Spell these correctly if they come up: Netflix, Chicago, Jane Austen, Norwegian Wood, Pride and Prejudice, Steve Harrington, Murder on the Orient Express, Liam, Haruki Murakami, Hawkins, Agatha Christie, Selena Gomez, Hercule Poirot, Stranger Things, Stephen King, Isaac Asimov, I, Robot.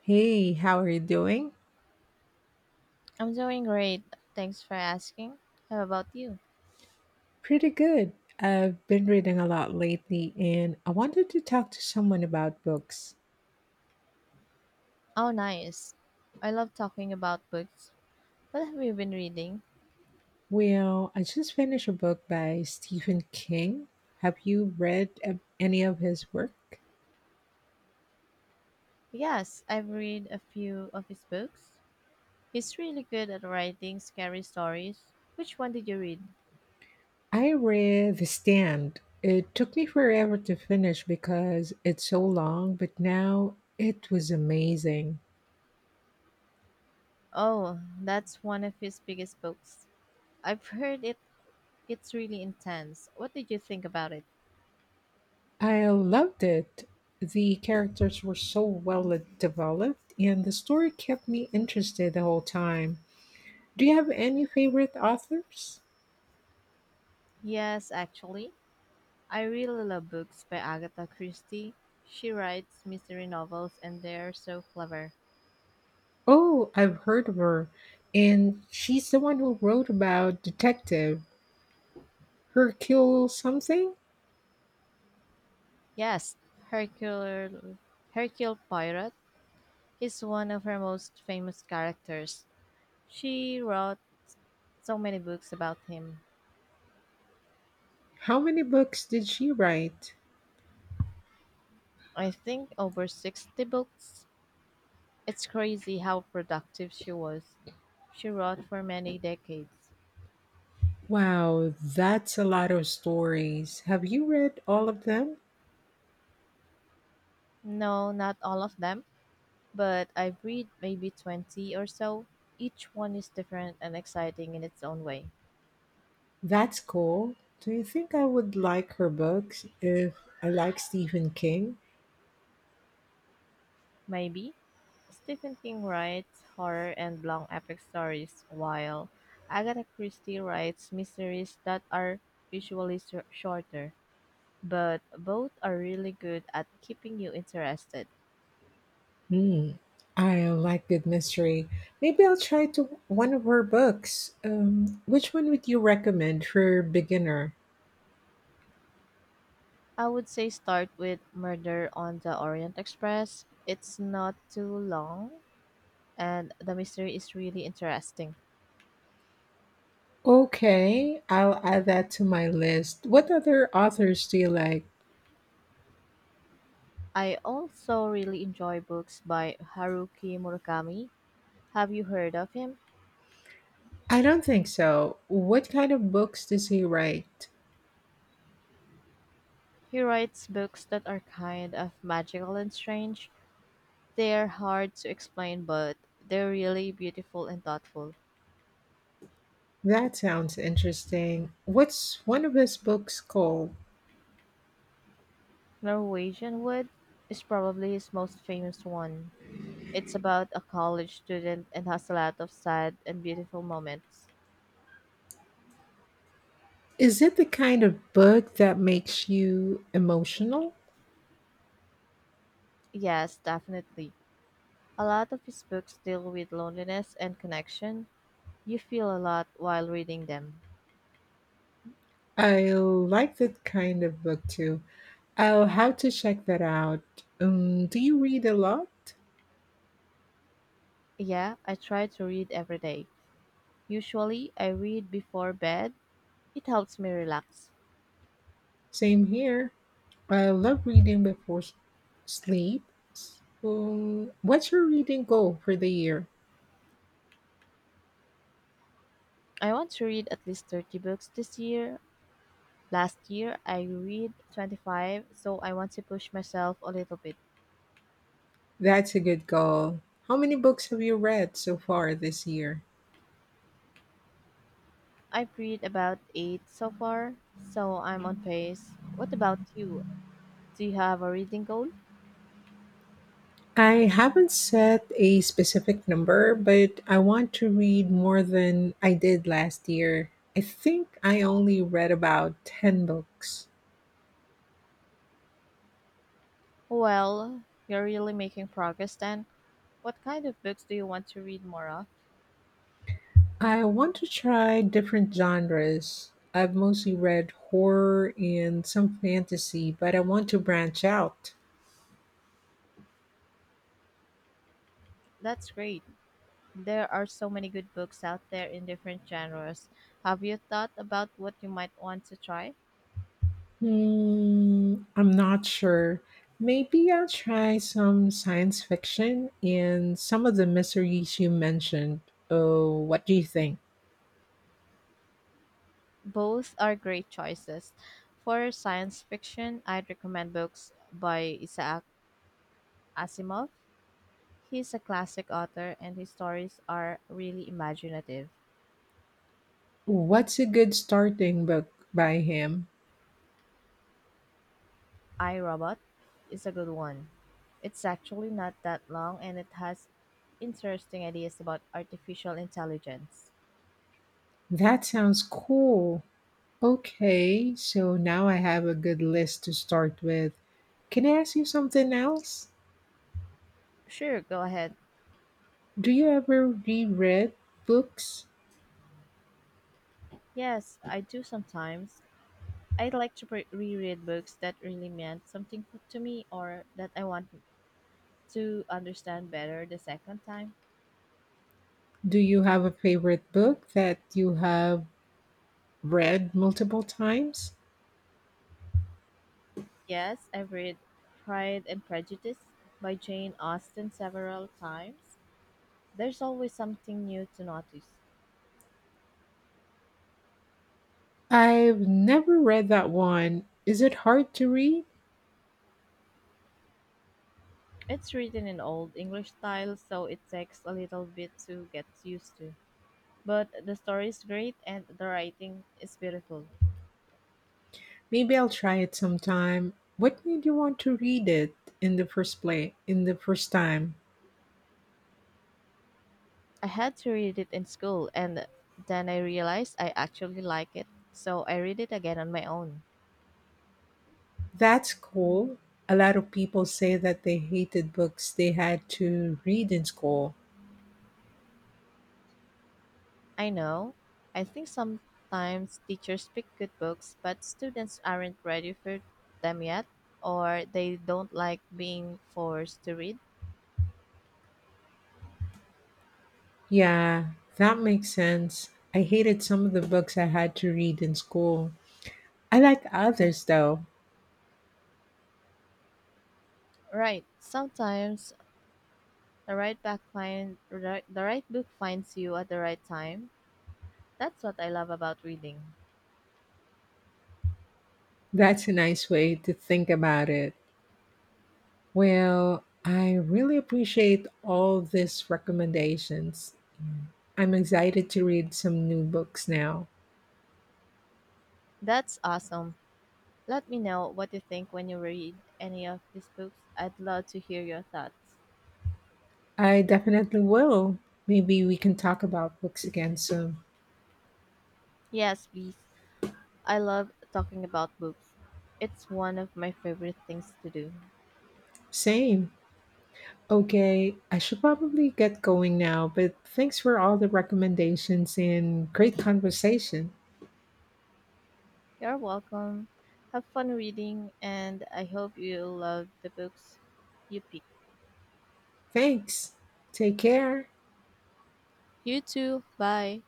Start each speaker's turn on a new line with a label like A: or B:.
A: Hey, how are you doing?
B: I'm doing great. Thanks for asking. How about you?
A: Pretty good. I've been reading a lot lately and I wanted to talk to someone about books.
B: Oh, nice. I love talking about books. What have you been reading?
A: Well, I just finished a book by Stephen King. Have you read any of his work?
B: Yes, I've read a few of his books. He's really good at writing scary stories. Which one did you read?
A: I read The Stand. It took me forever to finish because it's so long, but now it was amazing.
B: Oh, that's one of his biggest books. I've heard it's really intense. What did you think about it?
A: I loved it. The characters were so well developed, and the story kept me interested the whole time. Do you have any favorite authors?
B: Yes, actually, I really love books by Agatha Christie. She writes mystery novels and they're so clever.
A: Oh, I've heard of her, and she's the one who wrote about Detective Hercule something.
B: Yes, Hercule, Hercule Poirot is one of her most famous characters. She wrote so many books about him.
A: How many books did she write?
B: I think over 60 books. It's crazy how productive she was. She wrote for many decades.
A: Wow, that's a lot of stories. Have you read all of them?
B: No, not all of them, but I've read maybe 20 or so. Each one is different and exciting in its own way.
A: That's cool. Do you think I would like her books if I like Stephen King?
B: Maybe Stephen King writes horror and long epic stories, while Agatha Christie writes mysteries that are usually shorter, but both are really good at keeping you interested.
A: Hmm. I like good mystery. Maybe I'll try to one of her books. Which one would you recommend for beginner?
B: I would say start with Murder on the Orient Express. It's not too long, and the mystery is really interesting.
A: Okay, I'll add that to my list. What other authors do you like?
B: I also really enjoy books by Haruki Murakami. Have you heard of him?
A: I don't think so. What kind of books does he write?
B: He writes books that are kind of magical and strange. They are hard to explain, but they're really beautiful and thoughtful.
A: That sounds interesting. What's one of his books called?
B: Norwegian Wood is probably his most famous one. It's about a college student and has a lot of sad and beautiful moments.
A: Is it the kind of book that makes you emotional?
B: Yes, definitely. A lot of his books deal with loneliness and connection. You feel a lot while reading them.
A: I like that kind of book too. I'll have to check that out. Do you read a lot?
B: Yeah, I try to read every day. Usually, I read before bed. It helps me relax.
A: Same here. I love reading before sleep. What's your reading goal for the year?
B: I want to read at least 30 books this year. Last year, I read 25, so I want to push myself a little bit.
A: That's a good goal. How many books have you read so far this year?
B: I've read about 8 so far, so I'm on pace. What about you? Do you have a reading goal?
A: I haven't set a specific number, but I want to read more than I did last year. I think I only read about 10 books.
B: Well, you're really making progress then. What kind of books do you want to read more of?
A: I want to try different genres. I've mostly read horror and some fantasy, but I want to branch out.
B: That's great. There are so many good books out there in different genres. Have you thought about what you might want to try?
A: Hmm, I'm not sure. Maybe I'll try some science fiction and some of the mysteries you mentioned. Oh, what do you think?
B: Both are great choices. For science fiction, I'd recommend books by Isaac Asimov. He's a classic author and his stories are really imaginative.
A: What's a good starting book by him?
B: I, Robot is a good one. It's actually not that long and it has interesting ideas about artificial intelligence.
A: That sounds cool. Okay, so now I have a good list to start with. Can I ask you something else?
B: Sure, go ahead.
A: Do you ever reread books?
B: Yes, I do sometimes. I like to reread books that really meant something to me or that I want to understand better the second time.
A: Do you have a favorite book that you have read multiple times?
B: Yes, I've read Pride and Prejudice by Jane Austen several times. There's always something new to notice.
A: I've never read that one. Is it hard to read?
B: It's written in Old English style, so it takes a little bit to get used to. But the story is great and the writing is beautiful.
A: Maybe I'll try it sometime. What made you want to read it in the first place, in the first time?
B: I had to read it in school, and then I realized I actually like it, so I read it again on my own.
A: That's cool. A lot of people say that they hated books they had to read in school.
B: I know. I think sometimes teachers pick good books, but students aren't ready for them yet, or they don't like being forced to read.
A: Yeah, that makes sense. I hated some of the books I had to read in school. I like others though.
B: Right. Sometimes the right book finds you at the right time. That's what I love about reading.
A: That's a nice way to think about it. Well, I really appreciate all these recommendations. I'm excited to read some new books now.
B: That's awesome. Let me know what you think when you read any of these books. I'd love to hear your thoughts.
A: I definitely will. Maybe we can talk about books again soon.
B: Yes, please. I love talking about books. It's one of my favorite things to do.
A: Same. Okay, I should probably get going now, but thanks for all the recommendations and great conversation.
B: You're welcome. Have fun reading, and I hope you love the books you pick.
A: Thanks. Take care.
B: You too. Bye.